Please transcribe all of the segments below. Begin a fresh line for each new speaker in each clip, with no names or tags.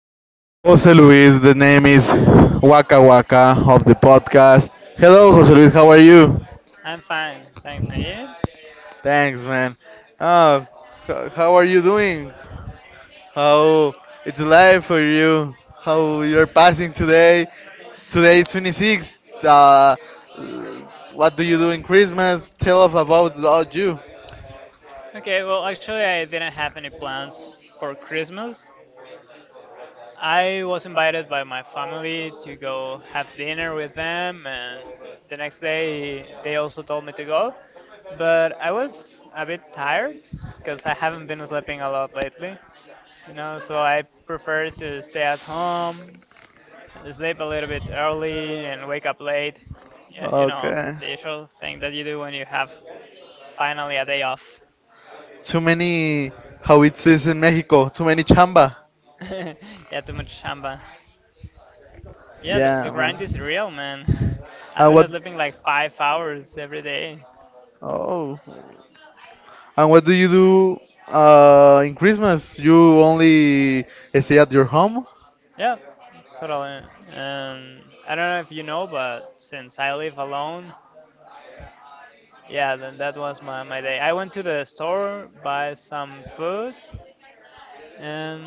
with Jose Luis. The name is Waka Waka of the podcast. Hello, Jose Luis, how are you?
I'm fine, thanks. And you?
Thanks, man. Uh, how are you doing? How it's life for you? How you're passing today? Today is 26. What do you do in Christmas? Tell us about, you.
Okay, well, actually, I didn't have any plans for Christmas. I was invited by my family to go have dinner with them, and the next day they also told me to go. But I was a bit tired because I haven't been sleeping a lot lately, so I preferred to stay at home, sleep a little bit early and wake up late. Yeah,
Okay.
the usual thing that you do when you have finally a day off.
Too many, how it is in Mexico, too many chamba.
Yeah, too much shamba. Yeah, the
Yeah, man.
grind is real, man. I've
And
been
what?
sleeping like 5 hours every day.
Oh. And what do you do in Christmas? You only stay at your home?
Yeah, totally. Um, I don't know if you know, but since I live alone, yeah, then that was my day. I went to the store, buy some food, and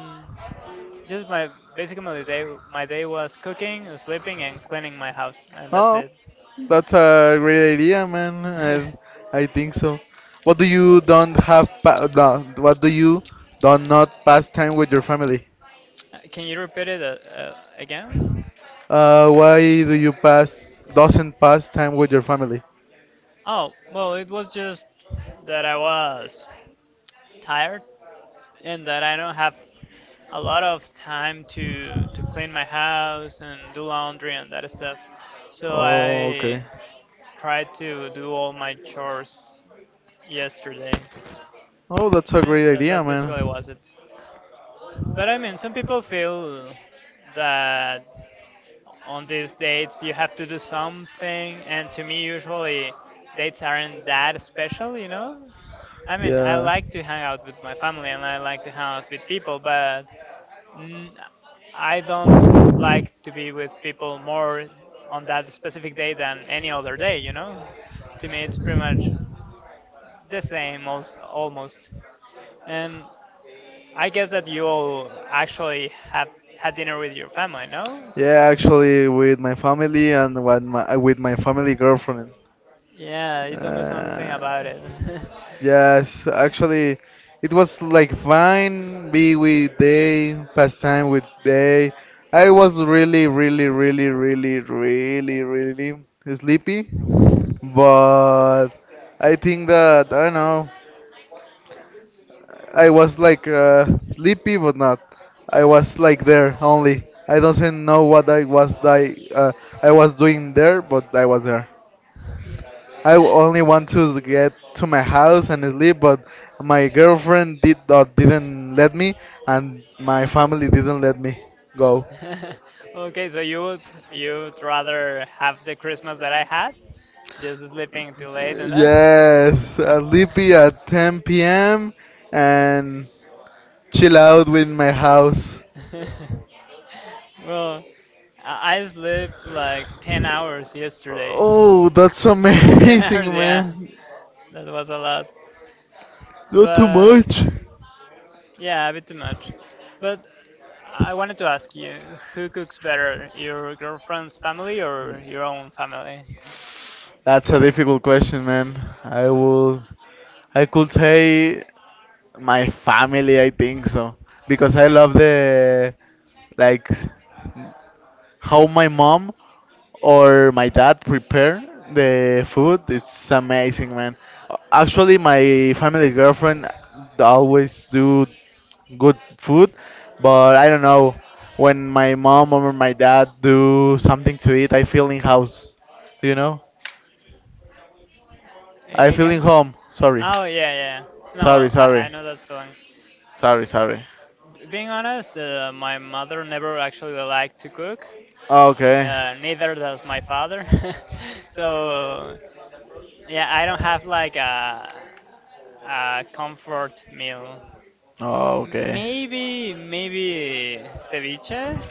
Just my basically my day was cooking, sleeping, and cleaning my house, and that's
Oh,
it.
that's a great idea, man. And I think so. What do you don't have? Pa no, what do you don't not pass time with your family?
Can you repeat it again?
Why do you pass doesn't pass time with your family?
Oh, well, it was just that I was tired and that I don't have a lot of time to clean my house and do laundry and that stuff. So I
Okay.
tried to do all my chores yesterday.
Oh, that's a
Yeah,
great
that
idea,
that
man.
basically
I
was it. But I mean, some people feel that on these dates you have to do something, and to me usually dates aren't that special. I mean, I like to hang out with my family, and I like to hang out with people, but n- I don't like to be with people more on that specific day than any other day. To me it's pretty much the same, almost. And I guess that you all actually have had dinner with your family, no?
Yeah,
Since
actually, with my family and what my, with my family girlfriend.
Yeah, you told me something
Uh,
about it.
yes, actually, it was like fine. Be with day, pass time with day. I was really, really, really, really, really, really sleepy, but I think that I don't know. I was like sleepy, but not. I was like there only. I doesn't know what I was I was doing there, but I was there. Only want to get to my house and sleep, but my girlfriend didn't let me, and my family didn't let me go.
Okay, so you'd rather have the Christmas that I had, just sleeping till late and that?
Yes, I sleepy at 10 p.m. and chill out with my house.
Well, I slept like 10 hours yesterday.
Oh, that's
Full 10 hours,
amazing,
yeah.
man.
That was a lot.
Not too
But
much.
yeah, a bit too much. But I wanted to ask you, who cooks better, your girlfriend's family or your own family?
That's a difficult question, man. I will, I could say my family. I think so because I love the like how my mom or my dad prepare the food, it's amazing, man. Actually, my family girlfriend always do good food, but I don't know. When my mom or my dad do something to eat, I feel in house. Do you know? I
A-
feel in
again?
home. Sorry.
Oh, yeah, yeah. No,
Sorry,
well, I
sorry.
know that feeling.
Sorry, sorry.
Being honest, my mother never actually liked to cook.
Okay.
Neither does my father. So, yeah, I don't have like a comfort meal.
Oh, okay.
Maybe, maybe ceviche.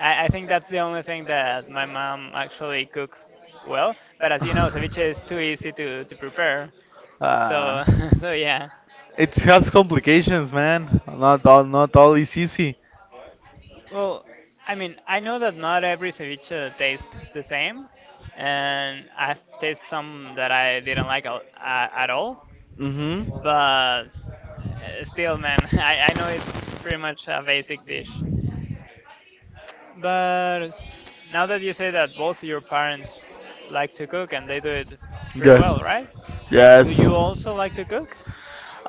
I think that's the only thing that my mom actually cook well. But as you know, ceviche is too easy to prepare. So
Ah,
so yeah.
it has complications, man. Not all, not all is easy.
Well, I mean, I know that not every ceviche tastes the same, and I've tasted some that I didn't like at all.
Mhm.
But still, man, I know it's pretty much a basic dish. But now that you say that both your parents like to cook and they do it pretty
Yes.
well, right? Do
Yes.
you also like to cook?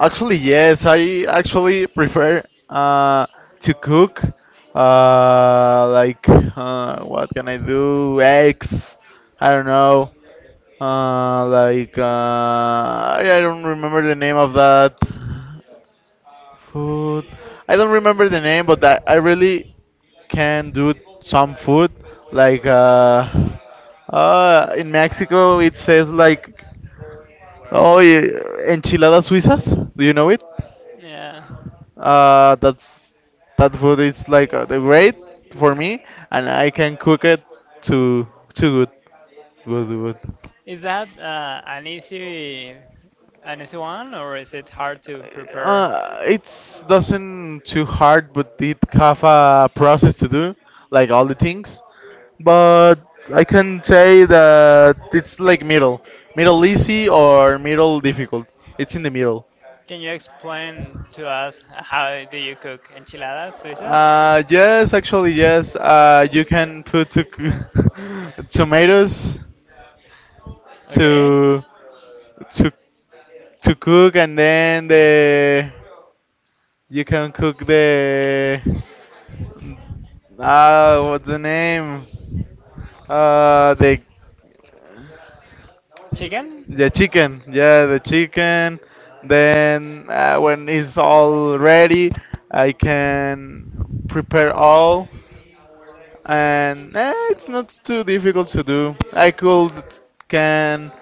Actually, yes, I actually prefer to cook. What can I do? Eggs. I don't know. I don't remember the name of that food. I don't remember the name, but I really can do some food. Like, uh, in Mexico, it says like, oh, eh, enchiladas suizas. Do you know it?
Yeah.
Uh, that's that food is like the great for me, and I can cook it too too good. Good,
Is that an easy
good.
one or is it hard to prepare?
It's doesn't too hard, but it have a process to do, like all the things. But I can say that it's like middle easy or middle difficult. It's in the middle.
Can you explain to us how do you cook enchiladas suizas?
Yes, actually, yes. You can put to tomatoes
Okay.
to to to cook, and then the you can cook the what's the name? Uh, the
Chicken?
the chicken. Yeah, the chicken. Then when it's all ready, I can prepare all, and it's not too difficult to do. I could can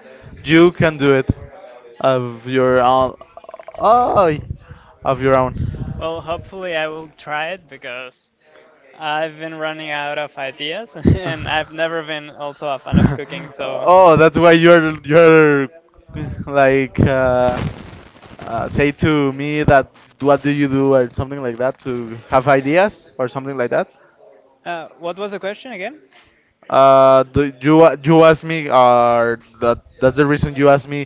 you can do it of your own. Oh, of your own.
Well, hopefully I will try it because I've been running out of ideas and I've never been also a fan of cooking.
oh,
So,
that's why you're like say to me that what do you do or something like that to have ideas or something like that.
What was the question again?
Do you you ask me or that's the reason you ask me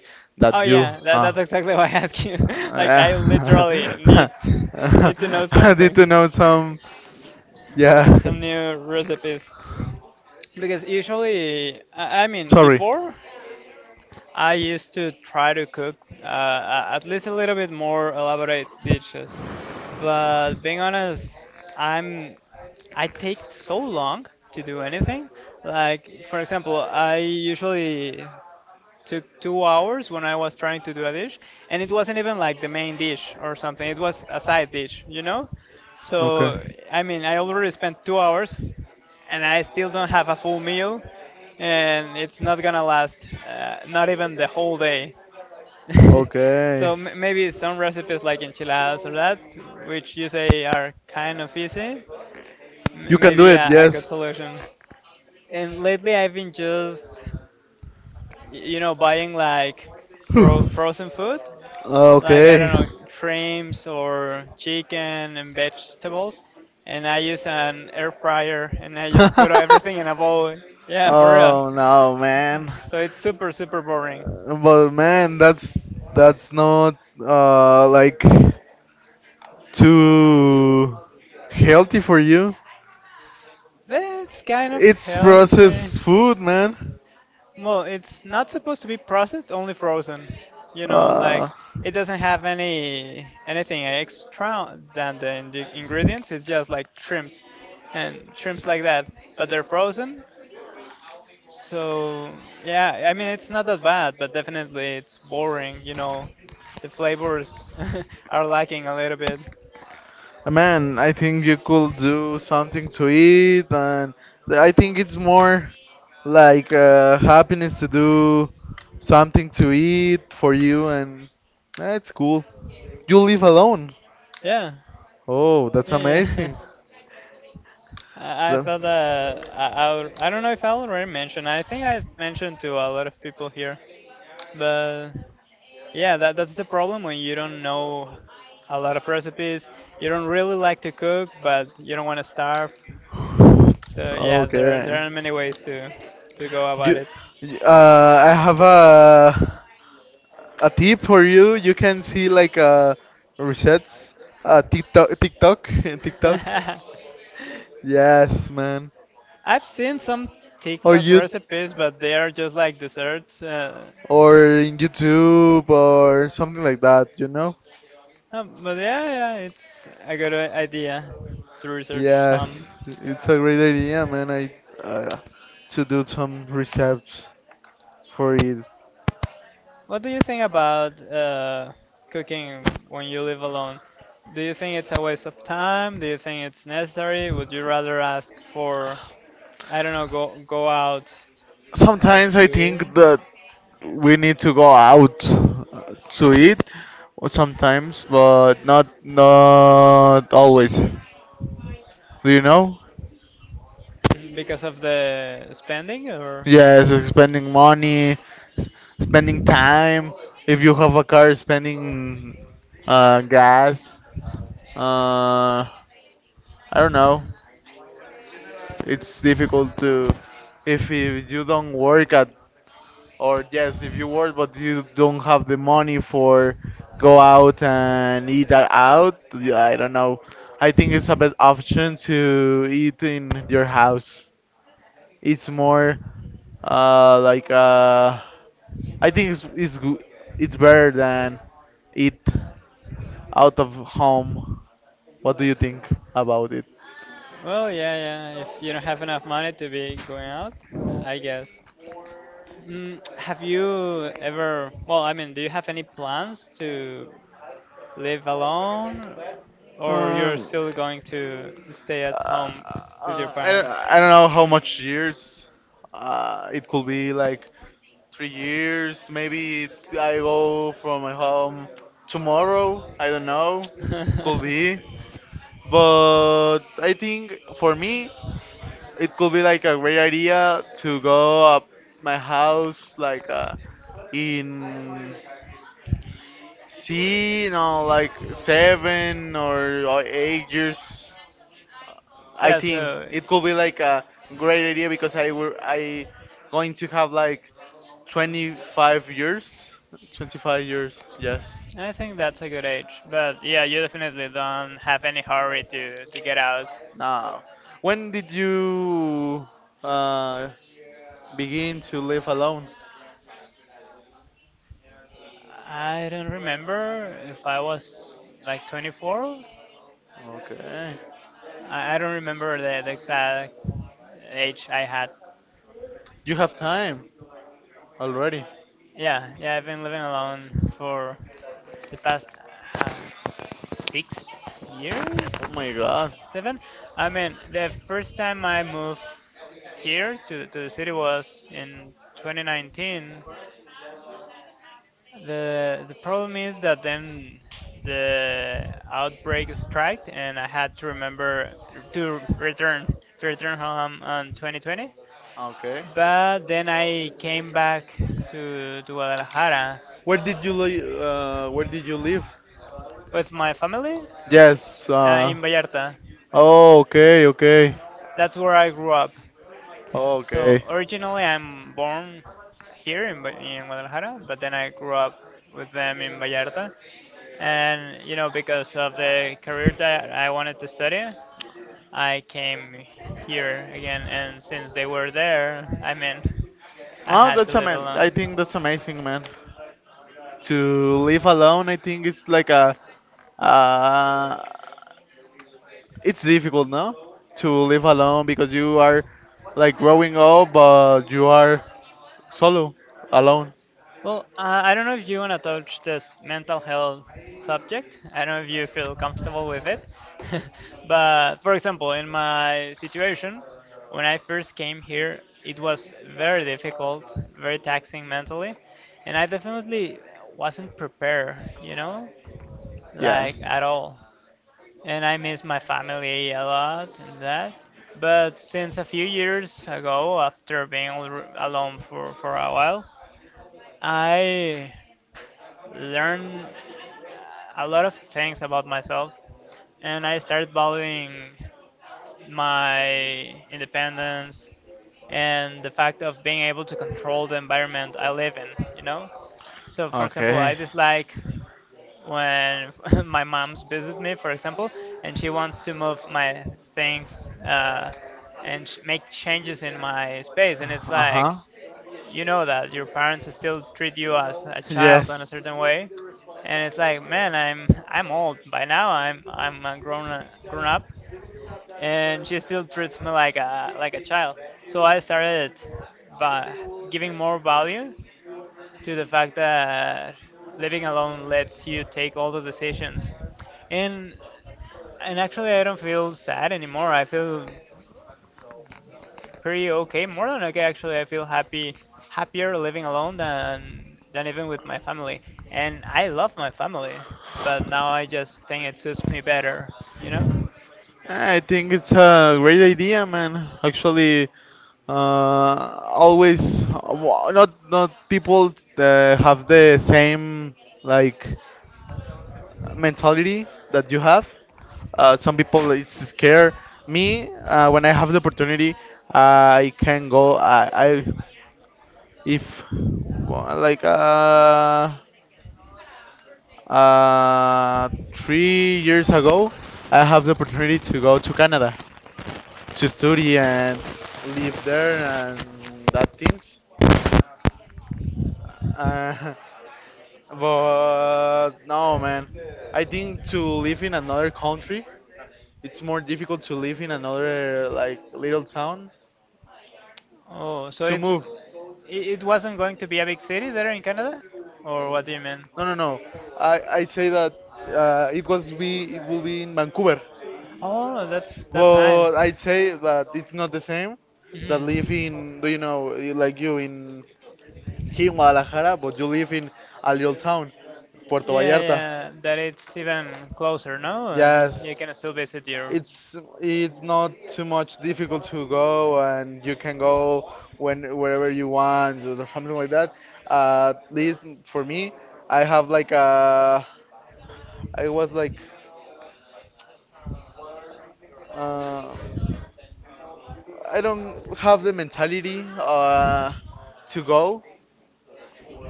Oh
that you
yeah, that, that's exactly why I asked you.
uh,
Like I
yeah.
literally need need to know
I need
something,
to know some yeah.
Some new recipes. Because usually, I mean,
Sorry.
before I used to try to cook at least a little bit more elaborate dishes. But being honest, I'm I take so long to do anything. Like for example, I usually took 2 hours when I was trying to do a dish, and it wasn't even like the main dish or something. It was a side dish, you know.
Okay.
So I mean, I already spent 2 hours, and I still don't have a full meal, and it's not gonna last, not even the whole day. So
Okay.
maybe some recipes like enchiladas or that, which you say are kind of easy,
You can do
maybe
it,
a good
yes.
solution. And lately, I've been just buying like frozen food, like I
Okay.
don't know, shrimps or chicken and vegetables, and I use an air fryer and I just put everything in a bowl. Yeah, for real.
Oh no, man.
So it's super super boring.
But man, that's not like too healthy for you.
But it's kind of
It's
healthy.
processed food, man.
Well, it's not supposed to be processed, only frozen, like it doesn't have anything extra than the in ingredients. It's
Uh,
just like shrimps and shrimps like that, but they're frozen. So, yeah, I mean it's not that bad, but definitely it's boring. The flavors are lacking a little bit.
Man, I think you could do something to eat, and I think it's more like happiness to do something to eat for you, and it's cool. You live alone.
Yeah.
Oh, that's
Yeah, yeah.
amazing.
I thought
That-
that I don't know if I already mentioned. I think I've mentioned to a lot of people here. But yeah, that's the problem when you don't know a lot of recipes. You don't really like to cook, but you don't want to starve. So yeah, there
Okay.
there are many ways to go about
You,
it.
I have a tip for you. You can see like resets, TikTok, and TikTok. Yes, man.
I've seen some
Or
TikTok
you,
recipes, but they are just like desserts. Uh,
or in YouTube, or something like that. You know.
um, but yeah, yeah, it's a good idea to research some.
Yes, it's a great idea, man. I uh, to do some recepts for it.
What do you think about cooking when you live alone? Do you think it's a waste of time? Do you think it's necessary? Would you rather ask for, I don't know, go out
Sometimes I
to eat?
think that we need to go out to eat or sometimes, but not not always. Do you know?
Mhm. Because of the spending, or?
Yes, spending money, s- spending time. If you have a car, spending gas. Uh, I don't know. It's difficult to if you don't work at or yes, if you work but you don't have the money for go out and eat that out, yeah, I don't know. I think it's a best option to eat in your house. It's more like I think it's goo- it's better than eat out of home. What do you think about it?
Well, yeah, yeah. If you don't have enough money to be going out, I guess. Have you ever? Well, I mean, do you have any plans to live alone or you're
Um,
still going to stay at home with your parents?
I don't know how much years. It could be like 3 years. Maybe I go from my home tomorrow. I don't know. Could be. But I think for me, it could be like a great idea to go up my house like in See, no, like seven or, 8 years. I
Yeah,
think
so
it could be like a great idea because I going to have like 25 years. 25 years, yes.
I think that's a good age. But yeah, you definitely don't have any hurry to get out.
Now, when did you uh, begin to live alone?
I don't remember if I was like 24.
Okay,
I don't remember the exact age I had.
you have time already.
Yeah, yeah, I've been living alone for the past uh, six
Oh my
years,
God.
seven. I mean, the first time I moved here to the city was in 2019. The problem is that then the outbreak struck, and I had to remember to return home on 2020.
Okay.
But then I came back to Guadalajara
Where did you live?
with my family
Yes.
in Vallarta.
Oh, okay, okay.
That's where I grew up.
Okay.
So originally, I'm born here in Guadalajara, but then I grew up with them in Vallarta. And you know, because of the career that I wanted to study, I came here again. And since they were there, I mean, I
Oh,
had to
that's
live
amazing. I
alone.
think that's amazing, man. To live alone, I think it's like a. Uh, it's difficult, no? To live alone because you are like growing up, but you are solo, alone.
Well, I don't know if you want to touch this mental health subject. I don't know if you feel comfortable with it. But for example, in my situation, when I first came here, it was very difficult, very taxing mentally, and I definitely wasn't prepared, you know, like
Yes.
at all. And I miss my family a lot and that. But since a few years ago, after being alone for a while, I learn a lot of things about myself and I started valuing my independence and the fact of being able to control the environment I live in, you know? So, for example, I
Okay. when
dislike when my mom's visit me, for example, and she wants to move my things and make changes in my space. And it's
Uh huh.
like, you know that your parents still treat you as a child in
Yes.
a certain way. And it's like, man, I'm old by now. I'm a grown up, and she still treats me like a child. So I started by giving more value to the fact that living alone lets you take all the decisions. And and actually, I don't feel sad anymore. I feel pretty okay, more than okay, actually. I feel happy, happier living alone than even with my family. And I love my family, but now I just think it suits me better, you know?
I think it's a great idea, man. Actually, always not people have the same like mentality that you have. Some people it's scare me when I have the opportunity. I can go. I If wa- like uh uh 3 years ago, I have the opportunity to go to Canada to study and live there and that things. Uh, but no, man, I think to live in another country, it's more difficult to live in another like little town
Oh, so
to
it
move.
it it wasn't going to be a big city there in Canada? Or what do you mean?
No, no, no. I say that it will be in Vancouver.
Oh, that's nice.
But I'd say that it's not the same that live
Mhm.
in, do you know, like you in here in Guadalajara, but you live in a little town, Puerto
Yeah,
Vallarta.
yeah, that it's even closer, no? And
Yes,
you can still visit your.
it's it's not too much difficult to go, and you can go when wherever you want or something like that. At least for me, I have like a, I was like, uh, I don't have the mentality to go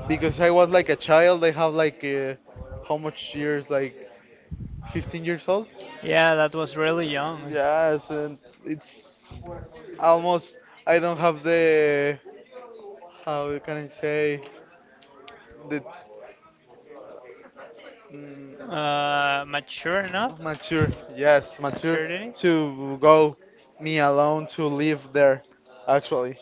because I was like a child. I have like how much years? Like 15 years old.
Yeah, that was
Um,
really young.
yes, and it's almost. I don't have the how can I say the mm,
Mature enough?
mature. Yes, mature
Maturity?
to go me alone to live there. Actually,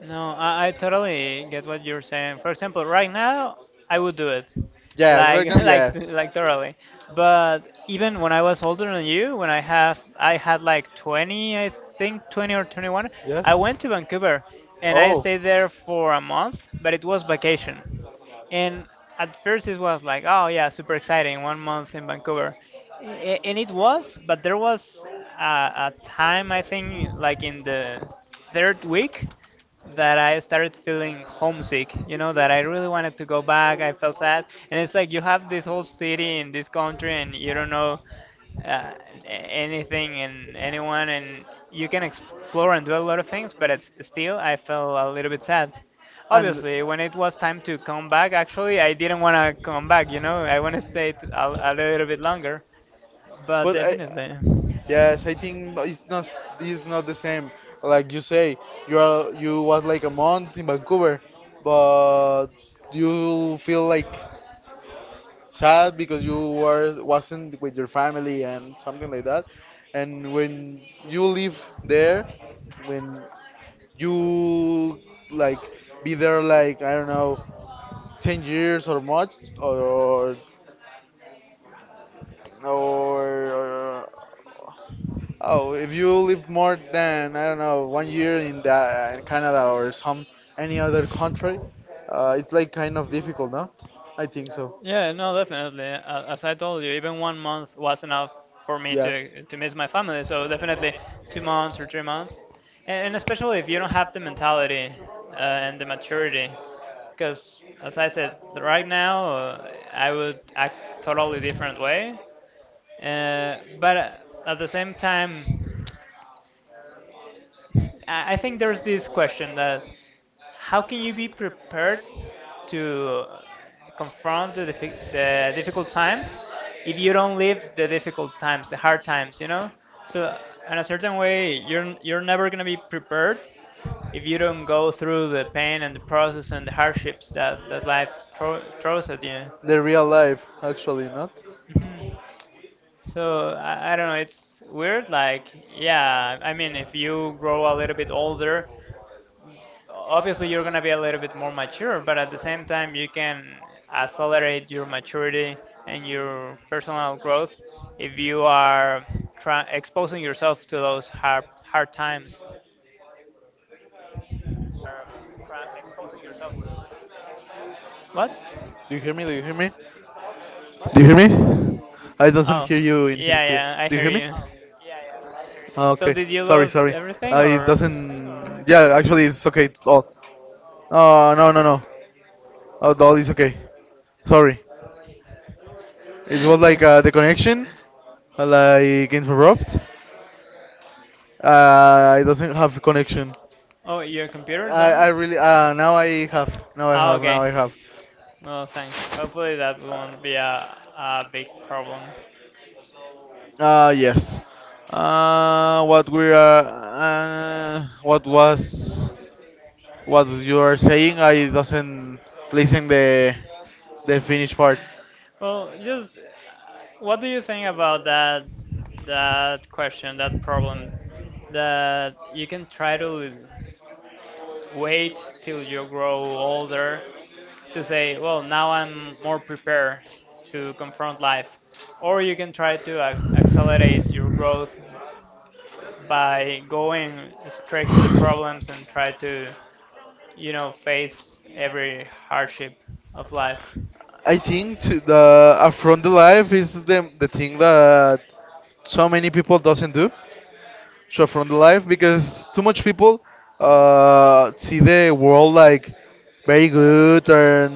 No, I totally get what you're saying. For example, right now I would do it,
yes. Right
like
now,
like
yes.
like totally. But even when I was older than you, when I had like 20, I think 20 or 21,
Yes.
I went to Vancouver and I stayed there for a month, but it was vacation. And at first it was like, oh yeah, super exciting, one month in Vancouver. And it was, but there was a time I think like in the third week that I started feeling homesick, that I really wanted to go back. I felt sad. And it's like you have this whole city in this country and you don't know uh, anything and anyone, and you can explore and do a lot of things, but it's still, I felt a little bit sad.
And
Obviously, when it was time to come back, actually, I didn't want to come back, I want to stay a little bit longer, but
But I,
definitely.
yes, I think it's not the same. Like you say, you was like a month in Vancouver, but you feel like sad because you were wasn't with your family and something like that. And when you live there, when you like be there like I don't know, 10 years or much or or, uh, oh, if you live more than I don't know 1 year in the in Canada or some any other country, it's like kind of difficult, no? I think so.
Yeah, no, definitely. As I told you, even 1 month was enough for me
Yes.
to miss my family. So definitely 2 months or 3 months, and especially if you don't have the mentality and the maturity, because as I said, right now I would act totally different way. But at the same time, I think there's this question that how can you be prepared to confront the difficult times if you don't live the difficult times, the hard times, you know? So in a certain way, you're never gonna be prepared if you don't go through the pain and the process and the hardships that life throws at you.
The real life, actually, not?
Mhm. So I don't know. It's weird. Like yeah, I mean, if you grow a little bit older, obviously you're going to be a little bit more mature, but at the same time you can accelerate your maturity and your personal growth if you are exposing yourself to those hard times.
Do you hear me? Do you hear me?
What?
Do you hear me? I doesn't hear you here. Do you hear me?
Oh, yeah, yeah, I hear you.
Ah, okay. Sorry, sorry.
So did you
I
lose everything or
doesn't. Yeah, actually, it's okay. It's all. Oh, no, no, no. Oh, all is okay. Sorry. It was like the connection, like interrupt. I doesn't have connection.
oh, your computer done.
I really
Oh,
now
okay.
I have.
Well, thanks. Hopefully that won't be a big problem.
Yes. What we are, what was, what you are saying, I doesn't listen the finished part.
Well, just what do you think about that question, that problem, that you can try to wait till you grow older to say, well, now I'm more prepared to confront life. Or you can try to ac accelerate your growth by going straight to the problems and try to face every hardship of life.
I think to the affront the life is the thing that so many people doesn't do. Short from the life because too much people see the world like very good and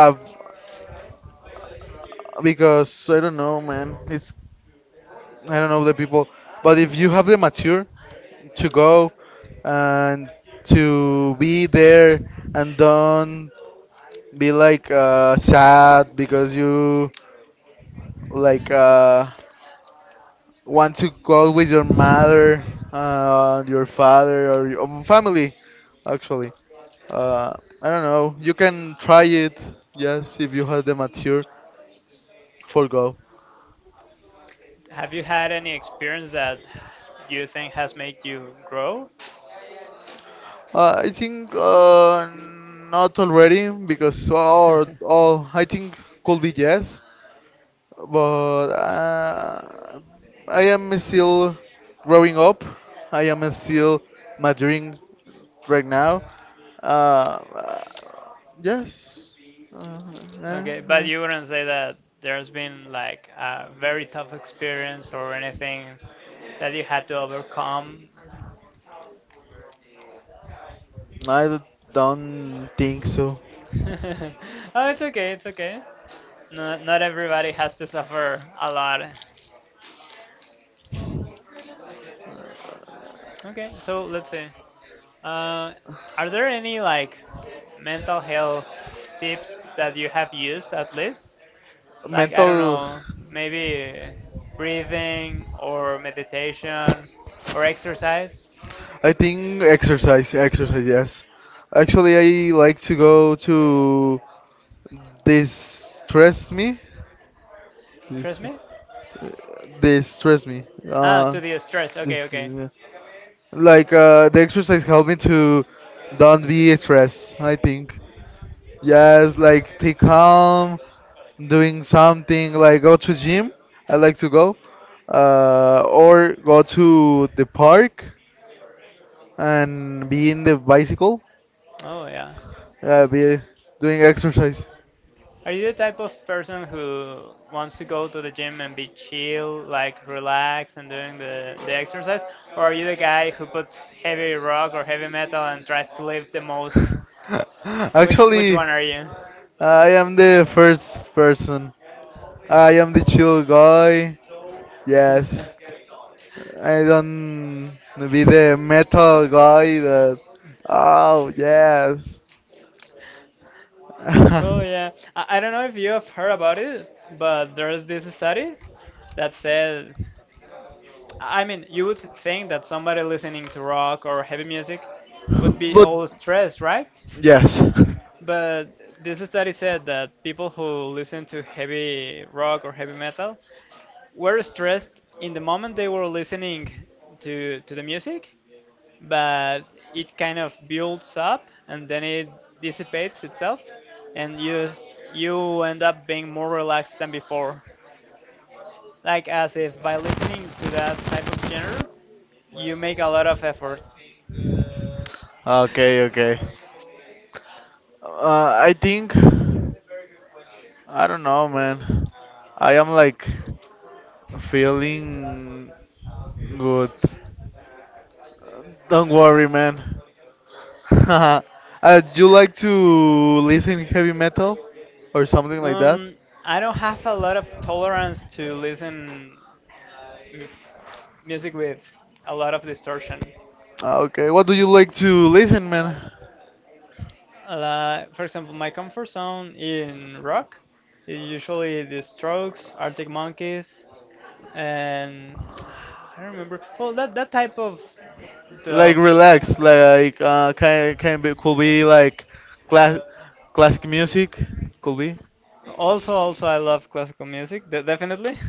because I don't know, man. It's I don't know the people, but if you have the mature to go and to be there and don't be like sad because you like want to go with your mother, your father, or your family, actually. Uh, I don't know. You can try it. Yes, if you have the mature for go.
Have you had any experience that you think has made you grow?
I think not already because or all I think could be yes, but I am still growing up. I am still maturing right now. Uh, uh, yes. Uh, uh,
Okay, but
uh.
you wouldn't say that there's been like a very tough experience or anything that you had to overcome.
I don't think so.
Oh, it's okay, it's okay. Not everybody has to suffer a lot.
Uh,
Okay, so let's see. Uh, are there any like mental health tips that you have used, at least? Like, I don't
mental
know, maybe breathing or meditation or exercise?
I think exercise, yes. Actually, I like to go to. They stress me. They,
Trust
s-
me?
uh, they stress me.
Ah,
Uh,
to the stress.
this,
Okay, okay.
yeah. Like the exercise helped me to don't be stressed. I think. Yes, like take calm, doing something like go to gym. I like to go, or go to the park and be in the bicycle.
Oh, yeah.
Be doing exercise.
Are you the type of person who wants to go to the gym and be chill, like relax and doing the exercise? Or are you the guy who puts heavy rock or heavy metal and tries to live the most?
Which
Which
Actually,
one are you?
I am the first person. I am the chill guy. Yes. I don't be the metal guy that. Oh, yes.
Well, yeah. I don't know if you have heard about it, but there's this study that said, I mean, you would think that somebody listening to rock or heavy music would be all
But
stressed, right?
yes,
But this study said that people who listen to heavy rock or heavy metal were stressed in the moment they were listening to the music, but it kind of builds up and then it dissipates itself, and you end up being more relaxed than before. Like as if by listening to that type of genre, you make a lot of effort.
okay, okay. Uh, I think I don't know, man. I am like feeling good. Don't worry, man. uh, do you like to listen heavy metal or something like that?
Um, I don't have a lot of tolerance to listen m- music with a lot of distortion.
Ah, okay, what do you like to listen, man?
For example, my comfort zone in rock is usually The Strokes, Arctic Monkeys, and I don't remember. Well, that type of the,
Like relax, like can be could be like class classic music, could be.
also I love classical music, definitely.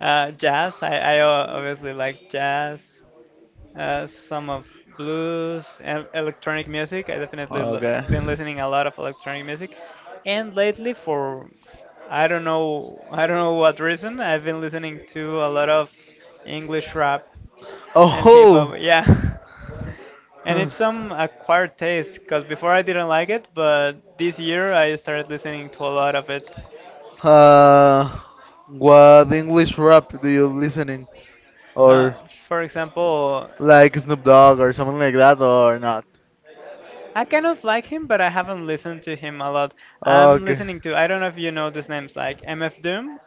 Jazz. I obviously like jazz. Some of blues and electronic music. I definitely
Okay.
l been listening a lot of electronic music, and lately for I don't know what reason I've been listening to a lot of English rap and hip hop.
Oh,
Yeah, and it's some acquired taste because before I didn't like it, but this year I started listening to a lot of it.
uh, what English rap do you listening, or
For example,
like Snoop Dogg or something like that, or not?
I kind of like him, but I haven't listened to him a lot. I'm
Okay,
listening to, I don't know if you know these names, like MF Doom,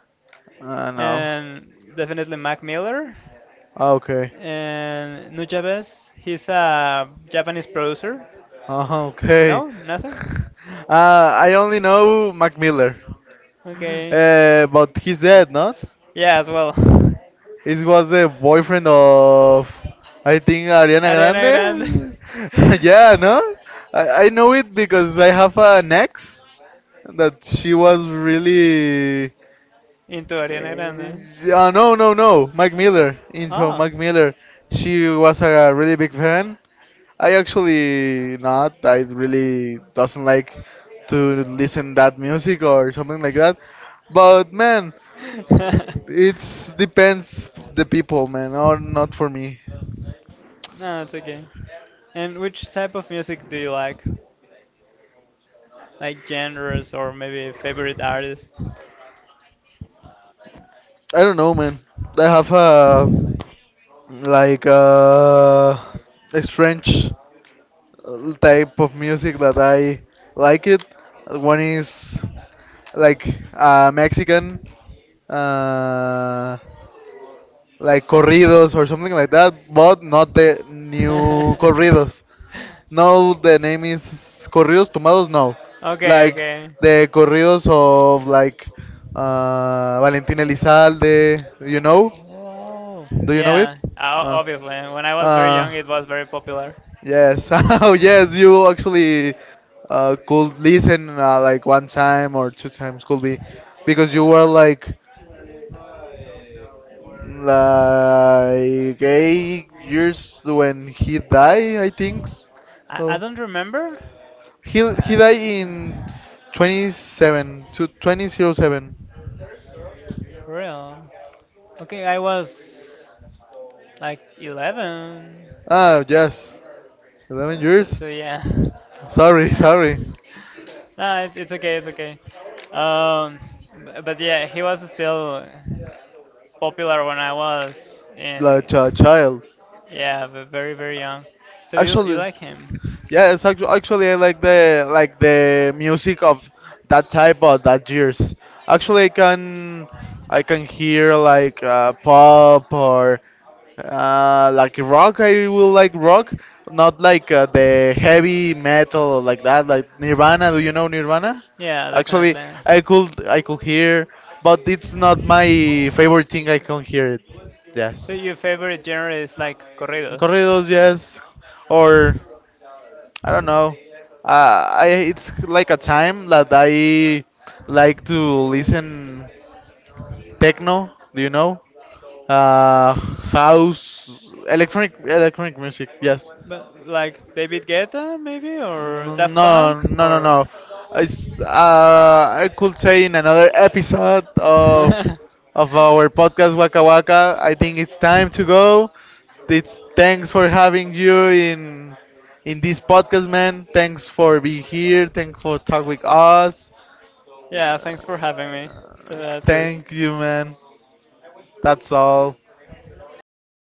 I know.
and definitely Mac Miller,
Okay.
and Nujabes. He's a Japanese producer.
Oh, okay.
No? Nothing?
I only know Mac Miller.
Okay.
But he's dead, not?
Yeah, as well.
It was the boyfriend of, I think, Ariana
Ariana Grande.
Grande? yeah, no? I know it because I have an ex that she was really.
Into Ariana Grande.
No, no, no. Mac Miller. Into
Ah,
Mac Miller. She was a really big fan. I actually not. I really doesn't like to listen that music or something like that. But man, it's depends the people, man, or not for me.
no, it's okay. And which type of music do you like? Like genres or maybe a favorite artist?
I don't know, man. I have a like a strange type of music that I like it. One is like Mexican. Uh, like corridos or something like that, but not the new corridos. No, the name is corridos tomados. No,
Okay,
like
okay.
the corridos of like Valentín Elizalde. You know?
Oh,
Do you know it?
yeah,
Uh,
obviously. When I was very
uh,
young, it was very popular.
yes. oh, yes. You actually could listen like one time or two times could be, because you were like 8 years when he died, I think.
I
So
don't remember.
he
Uh,
died in 27 to 2007.
Real. Okay, I was like 11.
Ah, yes, 11
So, so,
years.
so yeah.
Sorry, sorry.
no, it's okay, it's okay. Um, but yeah, he was still popular when I was in,
Like a child.
yeah, but very, very young. So you
Actually.
like him?
Yes, actually, I like the music of that type of that years. Actually, I can hear like pop or like rock. I will like rock, not like the heavy metal like that. Like Nirvana. Do you know Nirvana?
Yeah,
Actually,
definitely.
I could hear, but it's not my favorite thing. I can hear it.
So
Yes.
your favorite genre is like corridos.
Corridos, yes. Or I don't know. I it's like a time that I like to listen techno. Do you know? House, electronic, music. Yes.
But like David Guetta maybe or
No,
Daft Punk
no, no, no.
or
No. It's, I could say in another episode of our podcast Waka Waka. I think it's time to go. It's thanks for having you in this podcast, man. Thanks for being here. Thanks for talking with us.
Yeah,
Uh,
thanks for having me. So that's it.
thank you, man. That's all.